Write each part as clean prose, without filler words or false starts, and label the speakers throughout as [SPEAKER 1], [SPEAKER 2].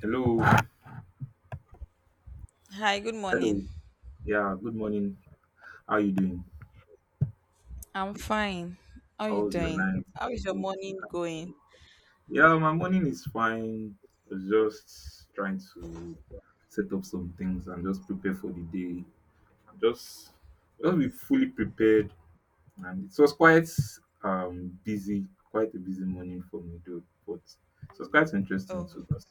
[SPEAKER 1] Hello,
[SPEAKER 2] Hi, good morning.
[SPEAKER 1] hello. Yeah, good morning. How you doing?
[SPEAKER 2] I'm fine. How are you
[SPEAKER 1] How was your
[SPEAKER 2] doing?
[SPEAKER 1] night?
[SPEAKER 2] How is your
[SPEAKER 1] Hope you
[SPEAKER 2] morning
[SPEAKER 1] had-
[SPEAKER 2] going?
[SPEAKER 1] Yeah, my morning is fine. I was just trying to set up some things and just prepare for the day. Just, just be fully prepared. And it was quite busy, quite a busy morning for me though. But it was quite interesting
[SPEAKER 2] Oh,
[SPEAKER 1] too. 'Cause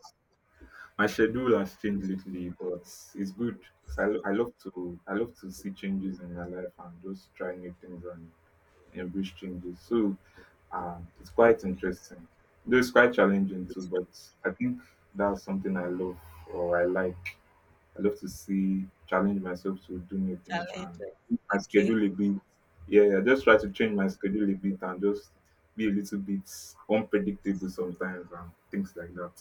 [SPEAKER 1] my schedule has changed lately, but it's good. Cause I love to see changes in my life and just try new things and embrace changes. So it's quite interesting. Though it's quite challenging too, but I think that's something I love or I like. I love to see challenge myself to do new things and
[SPEAKER 2] challenges.
[SPEAKER 1] my
[SPEAKER 2] Okay.
[SPEAKER 1] schedule a bit. Yeah, I just try to change my schedule a bit and just be a little bit unpredictable sometimes and things like that.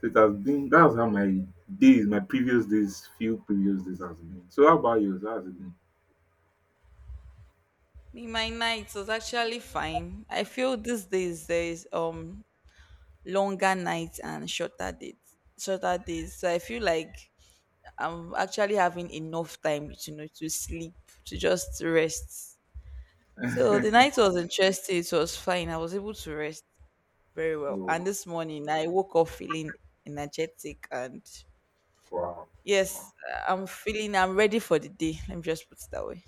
[SPEAKER 1] So it has been that's how my days, my previous days, few previous days has been. So how about yours? How has it been?
[SPEAKER 2] Me, my night was actually fine. I feel these days there is longer nights and shorter days. Shorter days. So I feel like I'm actually having enough time, you know, to sleep, to just rest. So the night was interesting. It was fine. I was able to rest very well. And
[SPEAKER 1] Oh,
[SPEAKER 2] this morning I woke up feeling energetic and
[SPEAKER 1] wow.
[SPEAKER 2] yes,
[SPEAKER 1] Wow.
[SPEAKER 2] I'm feeling I'm ready for the day. Let me just put it that way.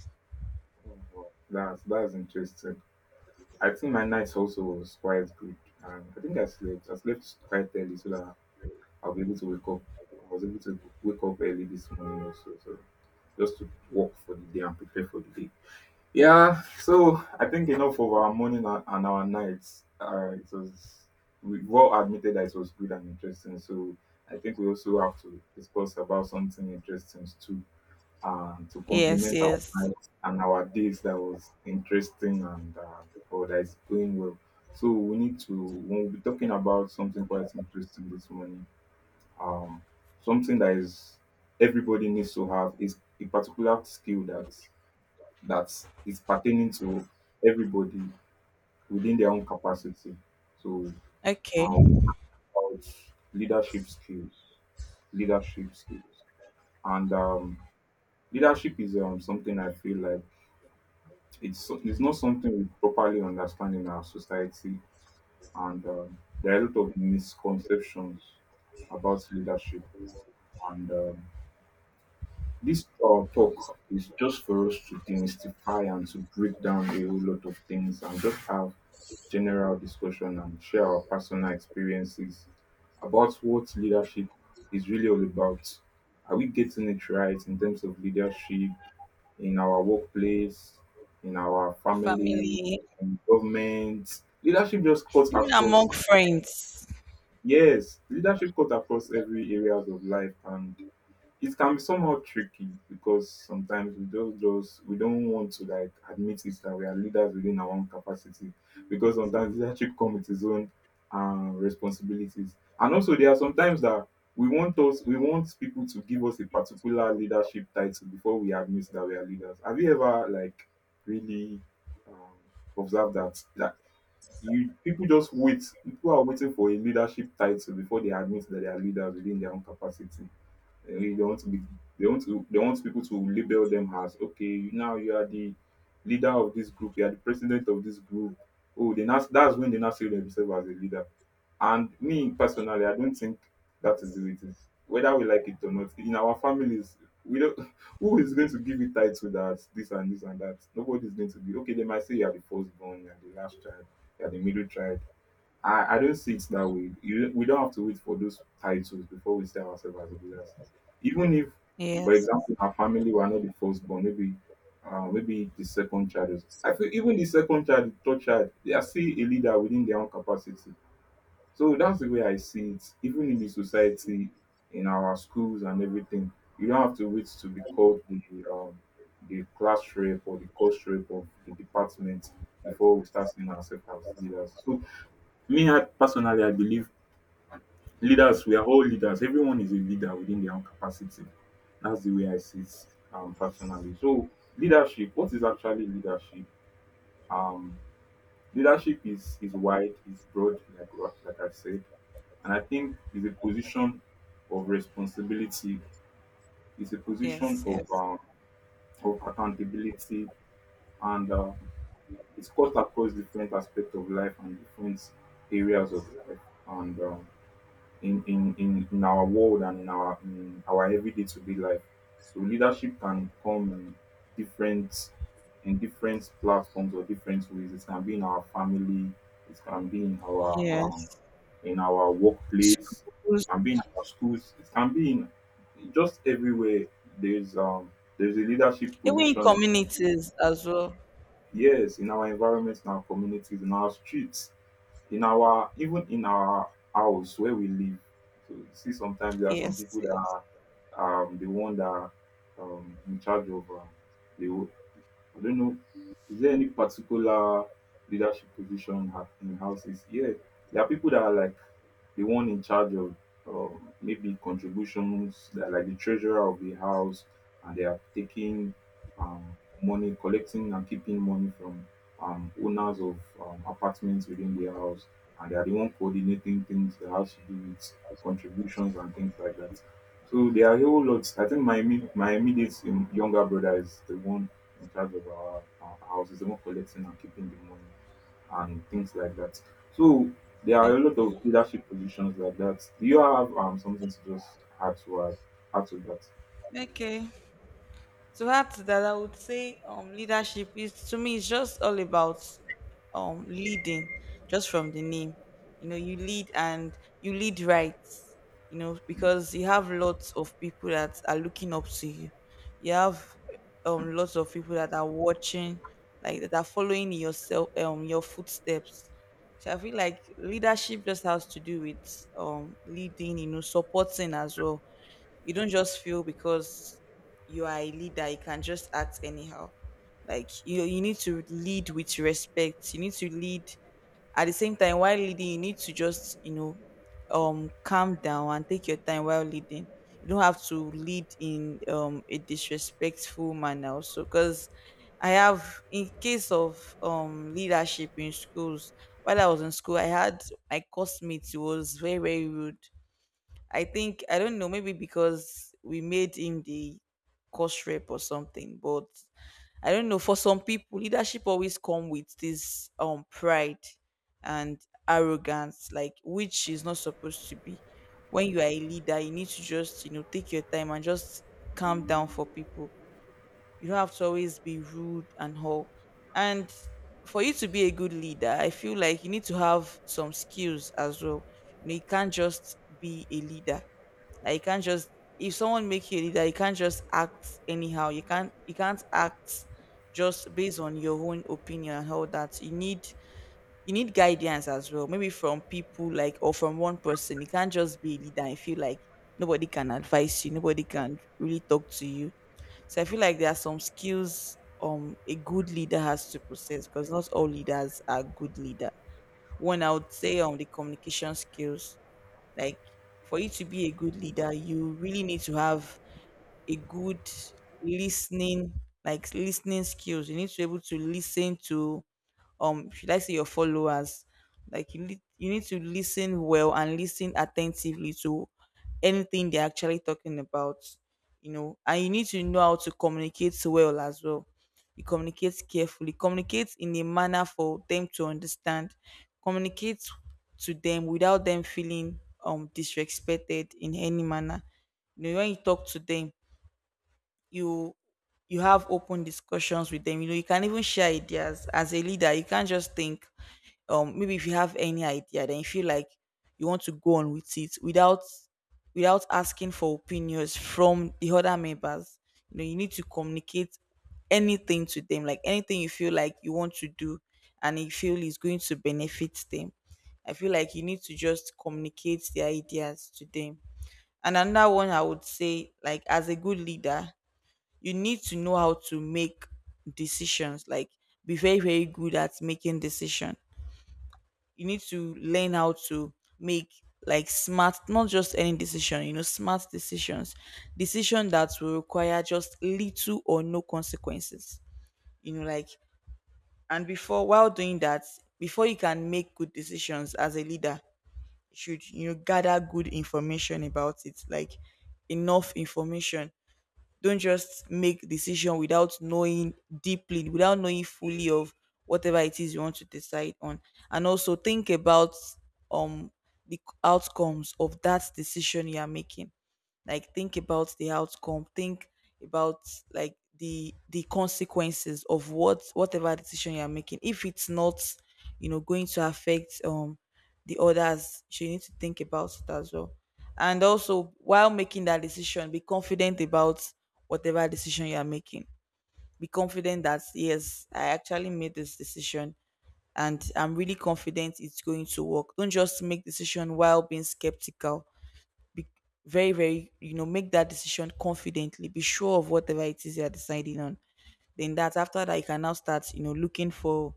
[SPEAKER 1] Wow, that's interesting. I think my night also was quite good, and I think I slept quite early so that I'll be able to wake up. I was able to wake up early this morning also, so just to work for the day and prepare for the day. Yeah, so I think enough of our morning and our nights. It was we've all admitted that it was good and interesting. So I think we also have to discuss about something interesting too to
[SPEAKER 2] Yes,
[SPEAKER 1] complement our
[SPEAKER 2] yes.
[SPEAKER 1] nights and our days that was interesting and or that is going well. So we need to when we'll be talking about something quite interesting this morning. Um, Something that is everybody needs to have is a particular skill that is pertaining to everybody within their own capacity. So
[SPEAKER 2] Okay.
[SPEAKER 1] uh, about leadership skills, leadership skills, and leadership is something I feel like it's not something we properly understand in our society, and there are a lot of misconceptions about leadership. And this talk is just for us to demystify and to break down a whole lot of things and just have general discussion and share our personal experiences about what leadership is really all about. Are we getting it right in terms of leadership? In our workplace, in our family,
[SPEAKER 2] Family.
[SPEAKER 1] in government. Leadership just cuts
[SPEAKER 2] Even
[SPEAKER 1] across.
[SPEAKER 2] among friends.
[SPEAKER 1] Yes, leadership cuts across every areas of life, and it can be somehow tricky because sometimes we just we don't want to like admit it that we are leaders within our own capacity because sometimes leadership comes with its own responsibilities and also there are sometimes that we want people to give us a particular leadership title before we admit that we are leaders. Have you ever like really um, observed that like you people just wait people are waiting for a leadership title before they admit that they are leaders within their own capacity? I mean, they want to be they want people to label them as okay, now you are the leader of this group, you are the president of this group. Oh, they now that's when they now see themselves as a leader. And me personally, I don't think that is the way it is. Whether we like it or not, in our families, we don't who is going to give you title that this and this and that? Nobody is going to be okay. They might say you are the firstborn, you are the last child, you are the middle child. I don't see it that way. You, we don't have to wait for those titles before we see ourselves as leaders. Even if, for
[SPEAKER 2] Yes.
[SPEAKER 1] example, our family were not the firstborn, maybe maybe the second child. Is, I feel even the second child, the third child, they are still a leader within their own capacity. So that's the way I see it. Even in the society, in our schools and everything, you don't have to wait to be called um, the class rep or the course rep of the department before we start seeing ourselves as leaders. So me, I personally, I believe we are all leaders. Everyone is a leader within their own capacity. That's the way I see it personally. So, leadership, what is actually leadership? Um, Leadership is wide, is broad, like, like I said. And I think it's a position of responsibility. It's a position
[SPEAKER 2] Yes, yes.
[SPEAKER 1] of accountability, and it's cut across different aspects of life and different areas of life. And in our world and in our everyday to be life. So leadership can come in different platforms or different ways. It can be in our family, it can be
[SPEAKER 2] Yes.
[SPEAKER 1] in our workplace,
[SPEAKER 2] Schools.
[SPEAKER 1] it can be in our schools, it can be in just everywhere. There's um there's a leadership
[SPEAKER 2] Even in
[SPEAKER 1] position.
[SPEAKER 2] communities as well.
[SPEAKER 1] Yes, in our environments, in our communities, in our streets in our even in our house where we live. So you see, sometimes there are some
[SPEAKER 2] Yes,
[SPEAKER 1] people
[SPEAKER 2] yes.
[SPEAKER 1] that are the one that are, in charge of the. wo- I don't know. Is there any particular leadership position in houses? Yeah, there are people that are like the one in charge of maybe contributions, they're like the treasurer of the house, and they are taking money, collecting and keeping money from owners of apartments within the house, and they are the one coordinating things that has to do with contributions and things like that. So there are a whole lot. I think my immediate younger brother is the one in charge of our house, is the one collecting and keeping the money and things like that. So there are a lot of leadership positions like that. Do you have something to just add to add, add to that?
[SPEAKER 2] Okay. So that I would say leadership is to me it's just all about leading just from the name. You know, you lead and you lead right, you know, because you have lots of people that are looking up to you. You have lots of people that are watching, like that are following yourself your footsteps. So I feel like leadership just has to do with leading, you know, supporting as well. You don't just feel because you are a leader, you can just act anyhow. Like you need to lead with respect. You need to lead at the same time while leading, you need to just, you know, calm down and take your time while leading. You don't have to lead in a disrespectful manner also because I have in case of leadership in schools, while I was in school, I had my classmates who was very, very rude. I think I don't know, maybe because we made him the course rep or something. But I don't know. For some people, leadership always come with this pride and arrogance, like which is not supposed to be. When you are a leader, you need to just you know take your time and just calm down for people. You don't have to always be rude and all. And for you to be a good leader, I feel like you need to have some skills as well. You know, you can't just be a leader, like you can't just, if someone make you a leader you can't just act anyhow. You can't act just based on your own opinion and all that. You need, you need guidance as well, maybe from people like or from one person. You can't just be a leader and feel like nobody can advise you, nobody can really talk to you. So I feel like there are some skills a good leader has to possess, because not all leaders are good leader. One I would say on the communication skills, like for you to be a good leader, you really need to have a good listening, like listening skills. You need to be able to listen to should I say your followers. Like you need to listen well and listen attentively to anything they're actually talking about. You know, and you need to know how to communicate well as well. You communicate carefully, communicate in a manner for them to understand, communicate to them without them feeling disrespected in any manner. You know, when you talk to them, you you have open discussions with them. You know, you can even share ideas as a leader. You can't just think, maybe if you have any idea then you feel like you want to go on with it without, without asking for opinions from the other members. You know, you need to communicate anything to them, like anything you feel like you want to do and you feel is going to benefit them. I feel like you need to just communicate the ideas to them. And another one I would say, like as a good leader, you need to know how to make decisions, like be very, very good at making decision. You need to learn how to make like smart, not just any decision, you know, smart decisions, decision that will require just little or no consequences. You know, like, and before, while doing that, before you can make good decisions as a leader, you should, you know, gather good information about it, like enough information. Don't just make decision without knowing deeply, without knowing fully of whatever it is you want to decide on. And also think about um the outcomes of that decision you are making, like think about the outcome. Think about like the consequences of what, whatever decision you're making, if it's not, you know, going to affect the others. So you need to think about it as well. And also while making that decision, be confident about whatever decision you are making. Be confident that yes, I actually made this decision and I'm really confident it's going to work. Don't just make decision while being skeptical. Very, very, you know, make that decision confidently. Be sure of whatever it is you're deciding on. Then that, after that you can now start, you know, looking for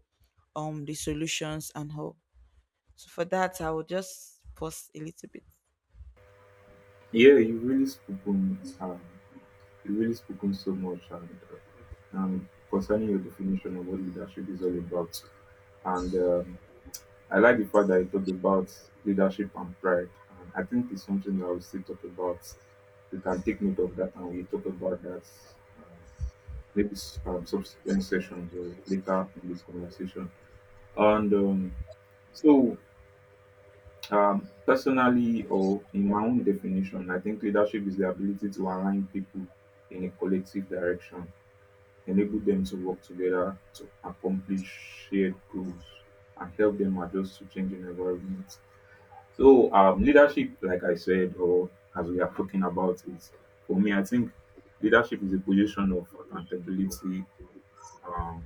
[SPEAKER 2] the solutions and how. So for that I will just pause a little bit.
[SPEAKER 1] Yeah, you've really spoken so much and concerning your definition of what leadership is all about. And I like the fact that you talked about leadership and pride. And I think it's something that we still talk about. We can take note of that and we talk about that maybe from subsequent sessions or later in this conversation. And so, personally, or in my own definition, I think leadership is the ability to align people in a collective direction, enable them to work together to accomplish shared goals, and help them adjust to changing environments. So, leadership, like I said, or as we are talking about it, for me, I think leadership is a position of accountability. um,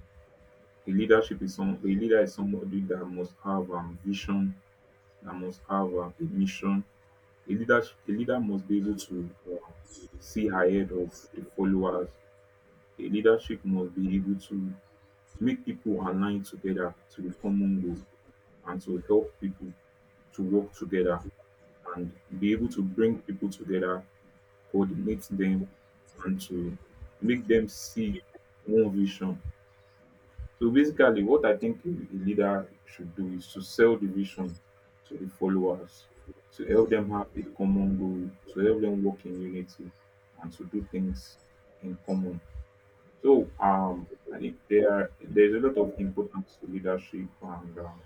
[SPEAKER 1] a leader is somebody that must have vision, that must have a mission. A leader must be able to see ahead of the followers. A leadership must be able to make people align together to the common goal, and to help people to work together, and be able to bring people together, coordinate them, and to make them see one vision. So basically, what I think a leader should do is to sell the vision to the followers, to help them have a common goal, to help them work in unity, and to do things in common. So I think there's a lot of importance to leadership, and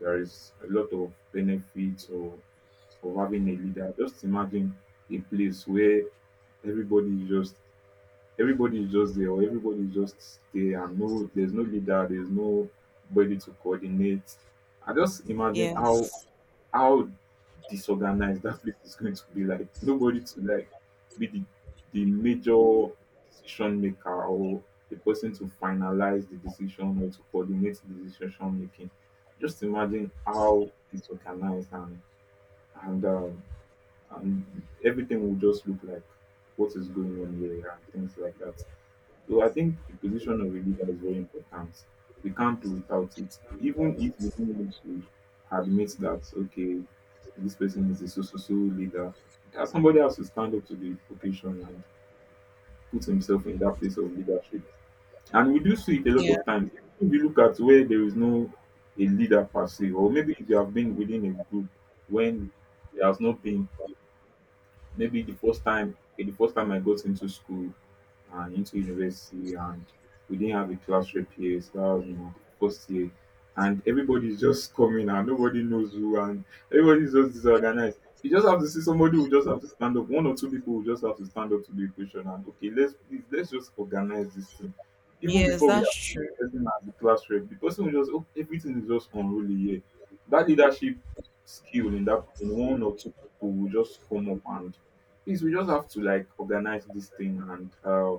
[SPEAKER 1] there is a lot of benefits of having a leader. Just imagine a place where everybody is just everybody is just there, or everybody is just there and no there's no leader, there's no body to coordinate. I just imagine how
[SPEAKER 2] Yes.
[SPEAKER 1] how disorganized that place is going to be. Like nobody to like be the major decision maker, or the person to finalize the decision or to coordinate the decision making. Just imagine how disorganized and and um, and everything will just look like what is going on here and things like that. So I think the position of a leader is very important. We can't do without it. Even if we don't want to admit that, okay, this person is a so so so leader, somebody has to stand up to the occasion and put himself in that place of leadership. And we do see it a lot
[SPEAKER 2] Yeah.
[SPEAKER 1] of times. If you look at where there is no a leader per se, or maybe if you have been within a group when there has not been, maybe the first time, okay, the first time I got into school, into university and we didn't have a class rep here. So that was in my first year. And everybody's just coming and nobody knows who and everybody's just disorganized. You just have to see somebody who just have to stand up. One or two people who just have to stand up to the equation and okay, let's please let's just organize this thing. Even
[SPEAKER 2] Yes,
[SPEAKER 1] before we
[SPEAKER 2] that's
[SPEAKER 1] have
[SPEAKER 2] true.
[SPEAKER 1] the person as the class rep, the person will just oh everything is just unruly here. That leadership skill in that in one or two people will just come up and please we just have to like organize this thing and uh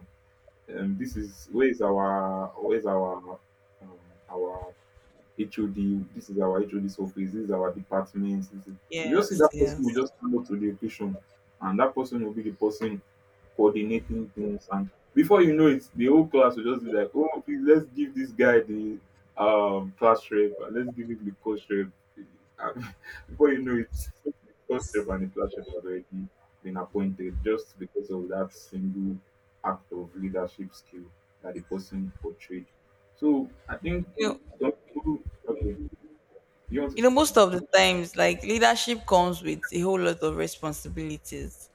[SPEAKER 1] um, this is where is our where is our um, our HOD. This is our HOD's office. This is our department. This is, you just see
[SPEAKER 2] Yes,
[SPEAKER 1] that person
[SPEAKER 2] yes.
[SPEAKER 1] will just come up to the occasion, and that person will be the person coordinating things and before you know it the whole class will just be like oh please let's give this guy the class rep and let's give him the coach rep. And before you know it the coach rep and the class rep has already been appointed just because of that single act of leadership skill that the person portrayed. So I think
[SPEAKER 2] You know,
[SPEAKER 1] some people, okay, you want to say
[SPEAKER 2] most
[SPEAKER 1] something?
[SPEAKER 2] of the times, like leadership comes with a whole lot of responsibilities.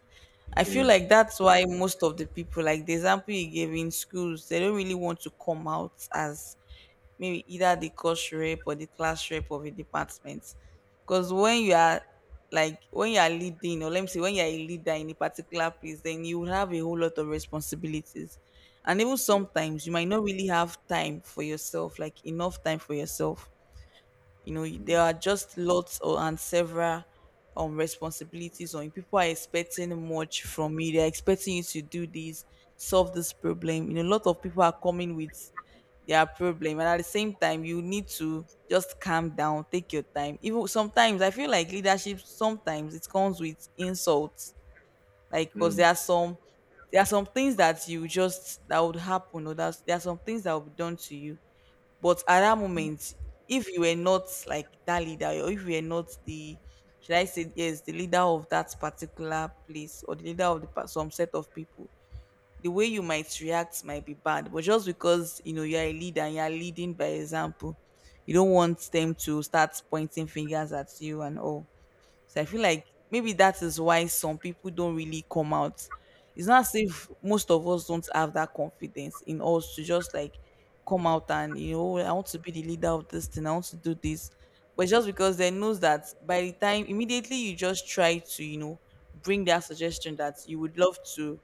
[SPEAKER 2] I feel
[SPEAKER 1] Yeah.
[SPEAKER 2] like that's why most of the people, like the example you gave in schools, they don't really want to come out as maybe either the course rep or the class rep of a department. Because when you are like when you are leading, or let me say when you are a leader in a particular place, then you will have a whole lot of responsibilities. And even
[SPEAKER 1] Yeah.
[SPEAKER 2] sometimes you might not really have time for yourself, like enough time for yourself. You know,
[SPEAKER 1] mm,
[SPEAKER 2] there are just lots or and several responsibilities on you. People are expecting much from you, they're expecting you to do this, solve this problem. You know, a lot of people are coming with their problem, and at the same time you need to just calm down, take your time. Even sometimes I feel like leadership sometimes it comes with insults, like because
[SPEAKER 1] mm,
[SPEAKER 2] there are some, there are some things that you just, that would happen, or that's, there are some things that will be done to you. But at that moment, if you were not like that leader, or if you were not the, should I say, yes, the leader of that particular place or the leader of the, some set of people, the way you might react might be bad. But just because, you know, you're a leader and you're leading by example, you don't want them to start pointing fingers at you and all. So I feel like maybe that is why some people don't really come out. It's not as if most of us don't have that confidence in us to just like come out and you know, "Oh, I want to be the leader of this thing. I want to do this," but it's just because they knows that by the time immediately you just try to, you know, bring that suggestion that you would love to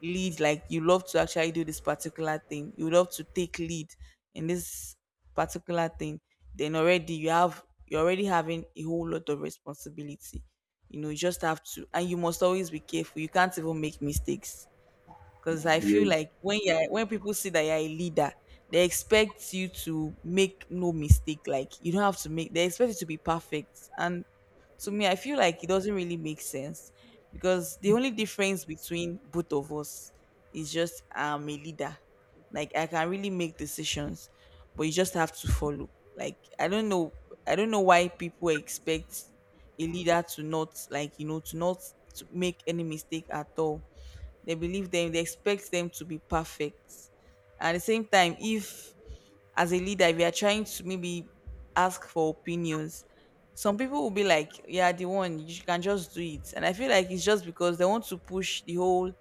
[SPEAKER 2] lead, like you love to actually do this particular thing, you love to take lead in this particular thing, then already you have, you're already having a whole lot of responsibility. You know, you just have to, and you must always be careful, you can't even make mistakes.
[SPEAKER 1] mm.
[SPEAKER 2] Because I feel
[SPEAKER 1] Yes,
[SPEAKER 2] like when you are, when people see that you're a leader, they expect you to make no mistake. Like you don't have to make. They expect you to be perfect, and to me, I feel like it doesn't really make sense, because the only difference between both of us is just I'm a leader. Like I can really make decisions, but you just have to follow. Like I don't know why people expect a leader to not, like you know, to not to make any mistake at all. They believe them, they expect them to be perfect. At the same time, if as a leader, if you are trying to maybe ask for opinions, some people will be like, "Yeah, the one, you can just do it." And I feel like it's just because they want to push the whole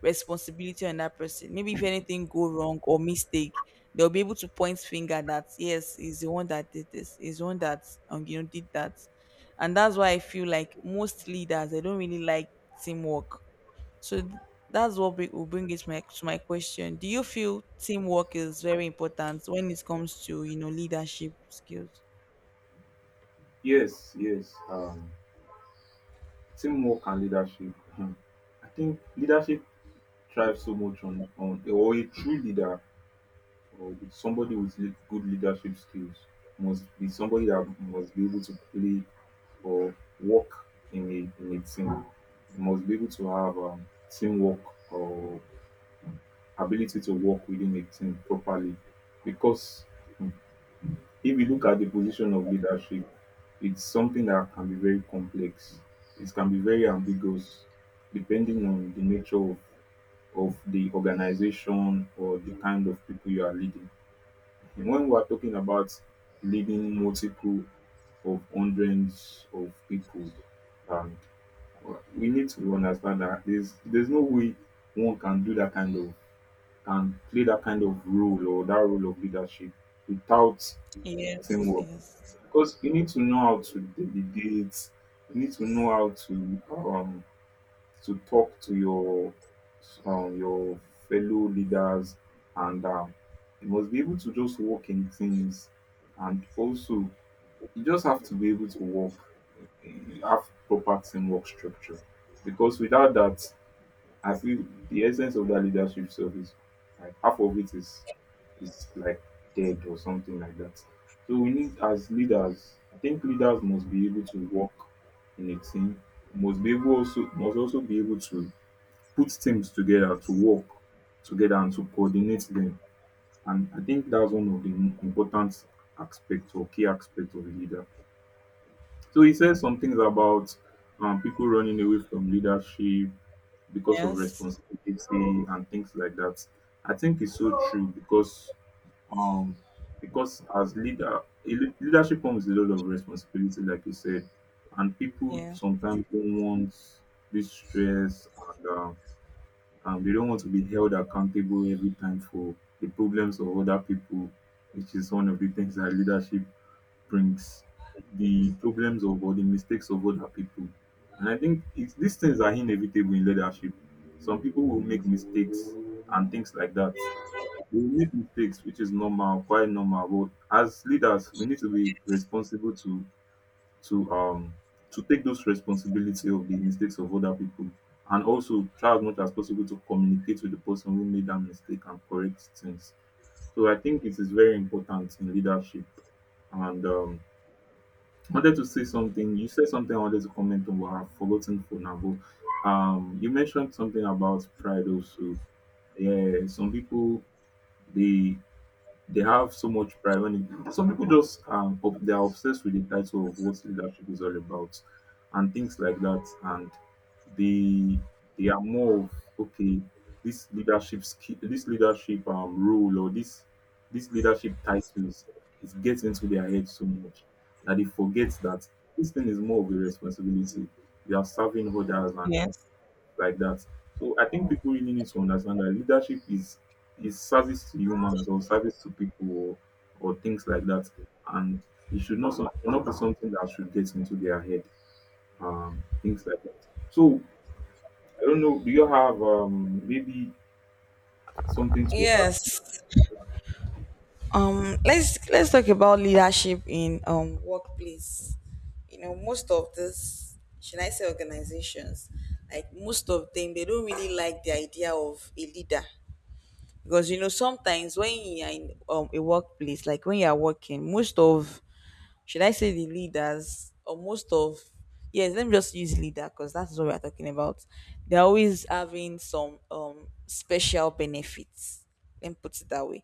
[SPEAKER 2] responsibility on that person. Maybe if anything go wrong or mistake, they'll be able to point finger that yes, is the one that did this, is the one that you know did that. And that's why I feel like most leaders they don't really like teamwork. So that's what will bring it my, to my question. Do you feel teamwork is very important when it comes to you know leadership skills?
[SPEAKER 1] yes, yes. Teamwork and leadership. um I think leadership thrives so much on or a true leader or with somebody with good leadership skills must be somebody that must be able to play or work in a team. Must be able to have teamwork or ability to work within a team properly because um, if you look at the position of leadership, it's something that can be very complex. It can be very ambiguous depending on the nature of the organization or the kind of people you are leading. And when we are talking about leading multiple of hundreds of people, and we need to understand that there's no way one can do that kind of can play that kind of role or that role of leadership without
[SPEAKER 2] Yes,
[SPEAKER 1] teamwork
[SPEAKER 2] yes,
[SPEAKER 1] because you need to know how to delegate. You need to know how to talk to your your fellow leaders, and you must be able to just work in teams, and also you just have to be able to work. You have proper teamwork structure, because without that, I feel the essence of that leadership stuff is like half of it is like dead or something like that. So we need as leaders, I think leaders must be able to work in a team, must be able also must also be able to put teams together to work together and to coordinate them. And I think that's one of the important aspects or key aspects of a leader. So he says some things about people running away from leadership because of
[SPEAKER 2] yes,
[SPEAKER 1] responsibility and things like that. I think it's so true um because as leader leadership comes with a lot of responsibility like you said and people
[SPEAKER 2] yes,
[SPEAKER 1] sometimes don't want this stress and and they don't want to be held accountable every time for the problems of other people which is one of the things that leadership brings, the problems of or the mistakes of other people. And I think it's, these things are inevitable in leadership. Some people will make mistakes and things like that. We make mistakes, which is normal, quite normal. But as leaders, we need to be responsible to to um to take those responsibility of the mistakes of other people, and also try as much as possible to communicate with the person who made that mistake and correct things. So I think it is very important in leadership, and I wanted to say something. You said something I wanted to comment on, but I've forgotten for now. But you mentioned something about pride also. Yeah, some people they they have so much pride when it, some people just they are obsessed with the title of what leadership is all about and things like that and they they are more of okay this leadership skill this leadership role or this leadership titles it gets into their head so much that they forget that this thing is more of a responsibility you are serving others and
[SPEAKER 2] yes.
[SPEAKER 1] like that. So I think people really need to understand that leadership is service to humans or service to people or things like that, and it should not should not be something that should get into their head, things like that. So I don't know. Do you have maybe something to add?
[SPEAKER 2] Yes. Let's talk about leadership in workplace. You know, most of this, should I say organizations, like most of them, they don't really like the idea of a leader, because you know sometimes when you are in a workplace, like when you are working, most of, should I say the leaders or most of, yes, let me just use leader because that's what we're talking about. They're always having some special benefits, let me put it that way.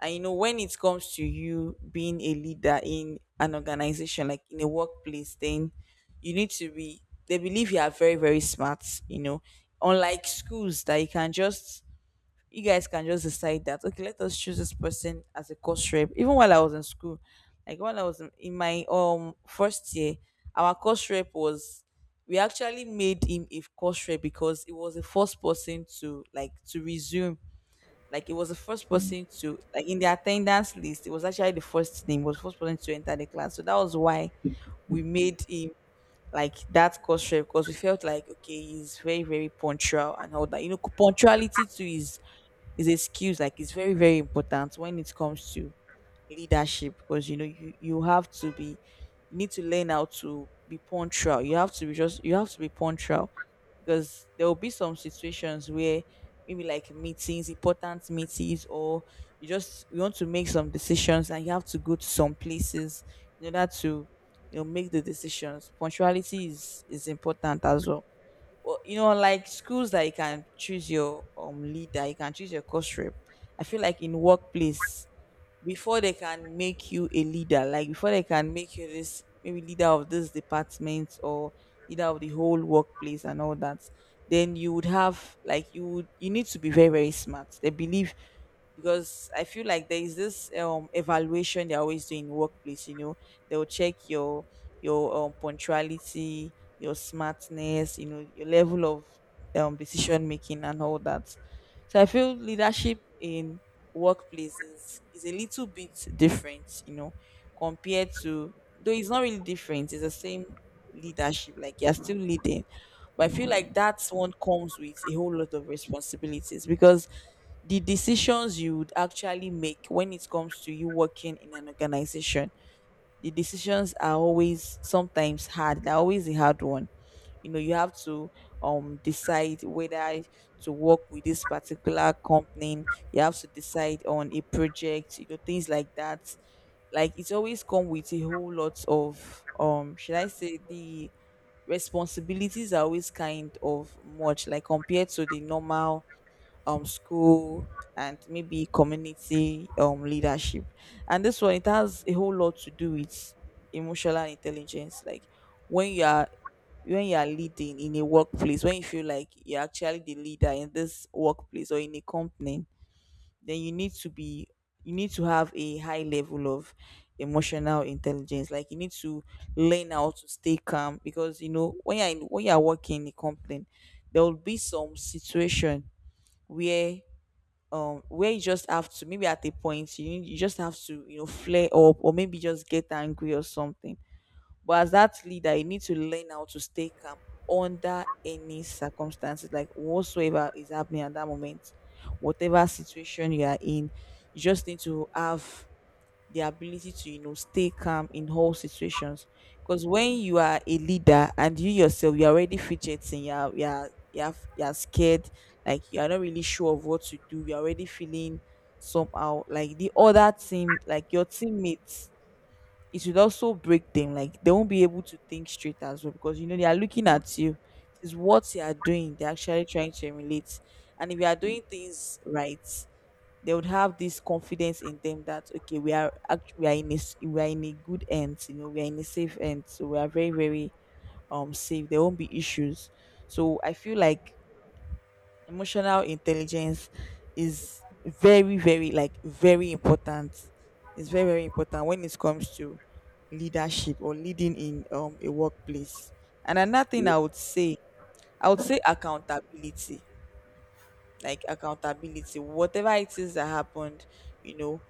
[SPEAKER 2] And you know, when it comes to you being a leader in an organization, like in a workplace, then you need to be, they believe you are very very smart, you know. Unlike schools that you can just, you guys can just decide that okay, let us choose this person as a course rep. Even while I was in school, like when I was in my first year, our course rep was, we actually made him a course rep because it was the first person to like to resume, like it was the first person to like in the attendance list, it was actually the first name, was first person to enter the class, so that was why we made him like that course trip, because we felt like okay, he's very very punctual and all that. You know, punctuality too is a skill, like it's very very important when it comes to leadership. Because you know, you have to be, you need to learn how to be punctual, you have to be, just you have to be punctual. Because there will be some situations where maybe like meetings, important meetings, or you just, you want to make some decisions and you have to go to some places in order to, you know, make the decisions. Punctuality is important as well. Well, you know, like schools that you can choose your leader, you can choose your course rep. I feel like in workplace, before they can make you a leader, like before they can make you this maybe leader of this department or leader of the whole workplace and all that, then you would have like, you would, you need to be very very smart, they believe. Because I feel like there is this evaluation they're always doing in workplace. You know, they'll check your, your punctuality, your smartness, you know, your level of decision making and all that. So I feel leadership in workplace is a little bit different, you know, compared to, though it's not really different, it's the same leadership. Like you're still leading, but I feel like that one comes with a whole lot of responsibilities, because the decisions you would actually make when it comes to you working in an organization, the decisions are always sometimes hard, they're always a hard one. You know, you have to decide whether to work with this particular company. You have to decide on a project, you know, things like that. Like it's always come with a whole lot of Should I say the responsibilities are always kind of much, like compared to the normal school and maybe community leadership. And this one, it has a whole lot to do with emotional intelligence. Like when you are, when you are leading in a workplace, when you feel like you're actually the leader in this workplace or in a company, then you need to be, you need to have a high level of emotional intelligence. Like you need to learn how to stay calm, because you know when you're working in a company, there will be some situation where, where you just have to maybe at a point, you just have to, you know, flare up or maybe just get angry or something. But as that leader, you need to learn how to stay calm under any circumstances, like whatsoever is happening at that moment, whatever situation you are in, you just need to have the ability to, you know, stay calm in all situations. Because when you are a leader and you yourself, you're already fidgeting, you're scared, like you're not really sure of what to do, you're already feeling somehow, like the other team, like your teammates, it would also break them. Like they won't be able to think straight as well, because you know they are looking
[SPEAKER 1] Mm.
[SPEAKER 2] at you. It's what you are doing they're actually trying to emulate. And if you are
[SPEAKER 1] Mm.
[SPEAKER 2] doing things right, they would have this confidence in them that okay, we are we are in a we are in a good end. You know, we are in a safe end, so we are very very safe, there won't be issues. So I feel like emotional intelligence is very very, like very important, it's very very important when it comes to leadership or leading in a workplace. And another thing
[SPEAKER 1] Yeah.
[SPEAKER 2] I would say, I would say accountability. Like accountability, whatever it is that happened, you know,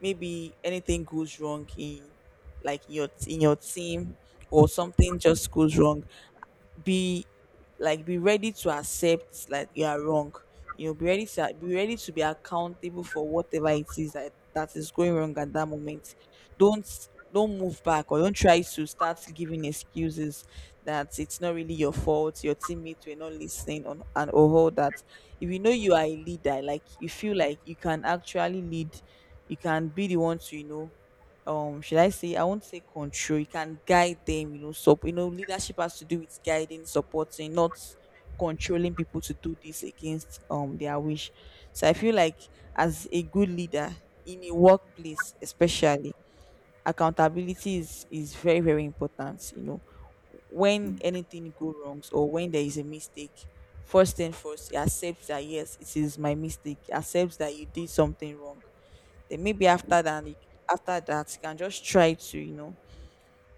[SPEAKER 2] maybe anything goes wrong in, like your, in your team, or something just goes wrong, be, like be ready to accept like you are wrong. You know, be ready to, be ready to be accountable for whatever it is that is going wrong at that moment. don't don't move back or don't try to start giving excuses that it's not really your fault, your teammates were not listening on and all that. If you know you are a leader, like you feel like you can actually lead, you can be the one to, you know, should I say, I won't say control, you can guide them, you know. So you know, leadership has to do with guiding, supporting, not controlling people to do this against their wish. So I feel like as a good leader in a workplace especially, accountability is very, very important, you know. When
[SPEAKER 1] Mm.
[SPEAKER 2] anything go wrongs or when there is a mistake, first thing first, he accepts that yes, it is my mistake. He accepts that you did something wrong, then maybe after after that, you can just try to, you know,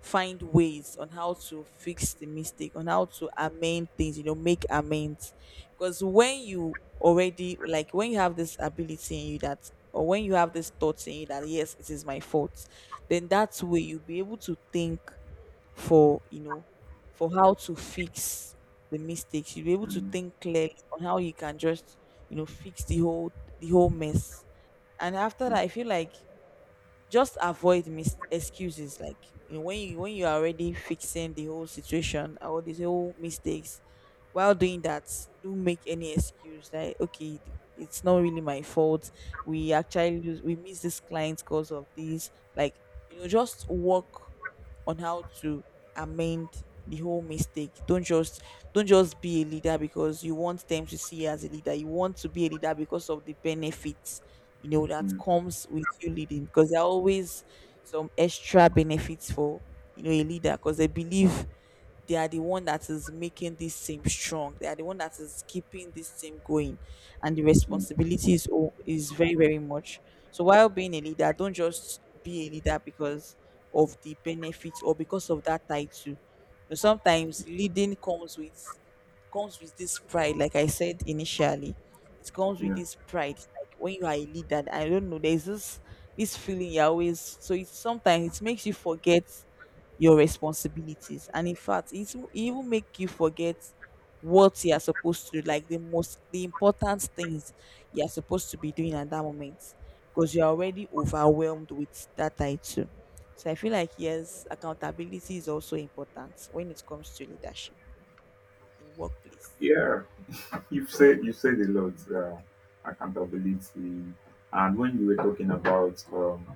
[SPEAKER 2] find ways on how to fix the mistake, on how to amend things, you know, make amends. Because when you already, like when you have this ability in you that, or when you have this thought in you that yes, it is my fault, then that way you'll be able to think for, you know, for how to fix the mistakes, you'll be able to
[SPEAKER 1] Mm.
[SPEAKER 2] think clearly on how you can just, you know, fix the whole, the whole mess. And after that,
[SPEAKER 1] Mm.
[SPEAKER 2] I feel like just avoid excuses. Like, you know, when you, when you are already fixing the whole situation or these whole mistakes, while doing that, do make any excuse like okay, it's not really my fault, we actually lose, we miss this client because of this, like, you know, just work on how to amend the whole mistake. Don't just, don't just be a leader because you want them to see you as a leader, you want to be a leader because of the benefits, you know, that
[SPEAKER 1] Mm.
[SPEAKER 2] comes with you leading. Because there are always some extra benefits for, you know, a leader, because they believe they are the one that is making this team strong, they are the one that is keeping this team going, and the
[SPEAKER 1] Mm.
[SPEAKER 2] responsibility is very very much. So while being a leader, don't just be a leader because of the benefits or because of that title. But sometimes leading comes with, comes with this pride, like I said initially, it comes with
[SPEAKER 1] Yeah,
[SPEAKER 2] this pride, like when you are a leader, I don't know, there's this, this feeling you always, so it's, sometimes it makes you forget your responsibilities, and in fact it's, it even make you forget what you are supposed to do, like the most, the important things you are supposed to be doing at that moment, because you're already overwhelmed with that title. So I feel like yes, accountability is also important when it comes to leadership in workplace.
[SPEAKER 1] yeah. You've said you have said a lot. I can't believe the. And when you were talking about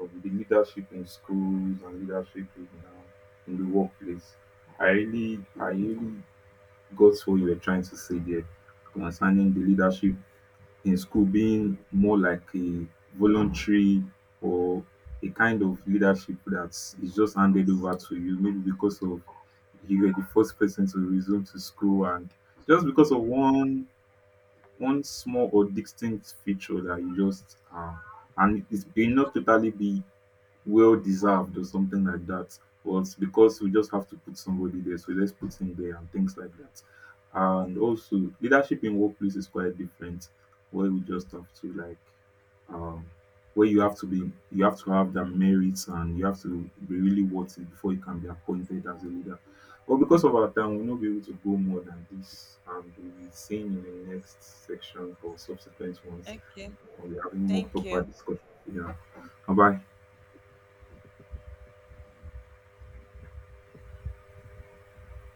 [SPEAKER 1] of the leadership in schools and leadership in the workplace. I really got what you were trying to say there concerning the leadership in school being more like a voluntary or a kind of leadership that is just handed over to you, maybe because of you were the first person to resume to school and just because of one small or distinct feature that you just and it may not totally be well deserved or something like that. But because we just have to put somebody there, so let's put him there and things like that. And also, leadership in workplace is quite different, where we just have to like, um, where you have to have the merits and you have to be really worth it before you can be appointed as a leader. But because of our time, we'll not be able to go more than this, and we'll be seeing in the next section or subsequent ones.
[SPEAKER 2] Okay,
[SPEAKER 1] We'll be having more
[SPEAKER 2] thank
[SPEAKER 1] proper
[SPEAKER 2] you.
[SPEAKER 1] discussion. Yeah. Bye bye.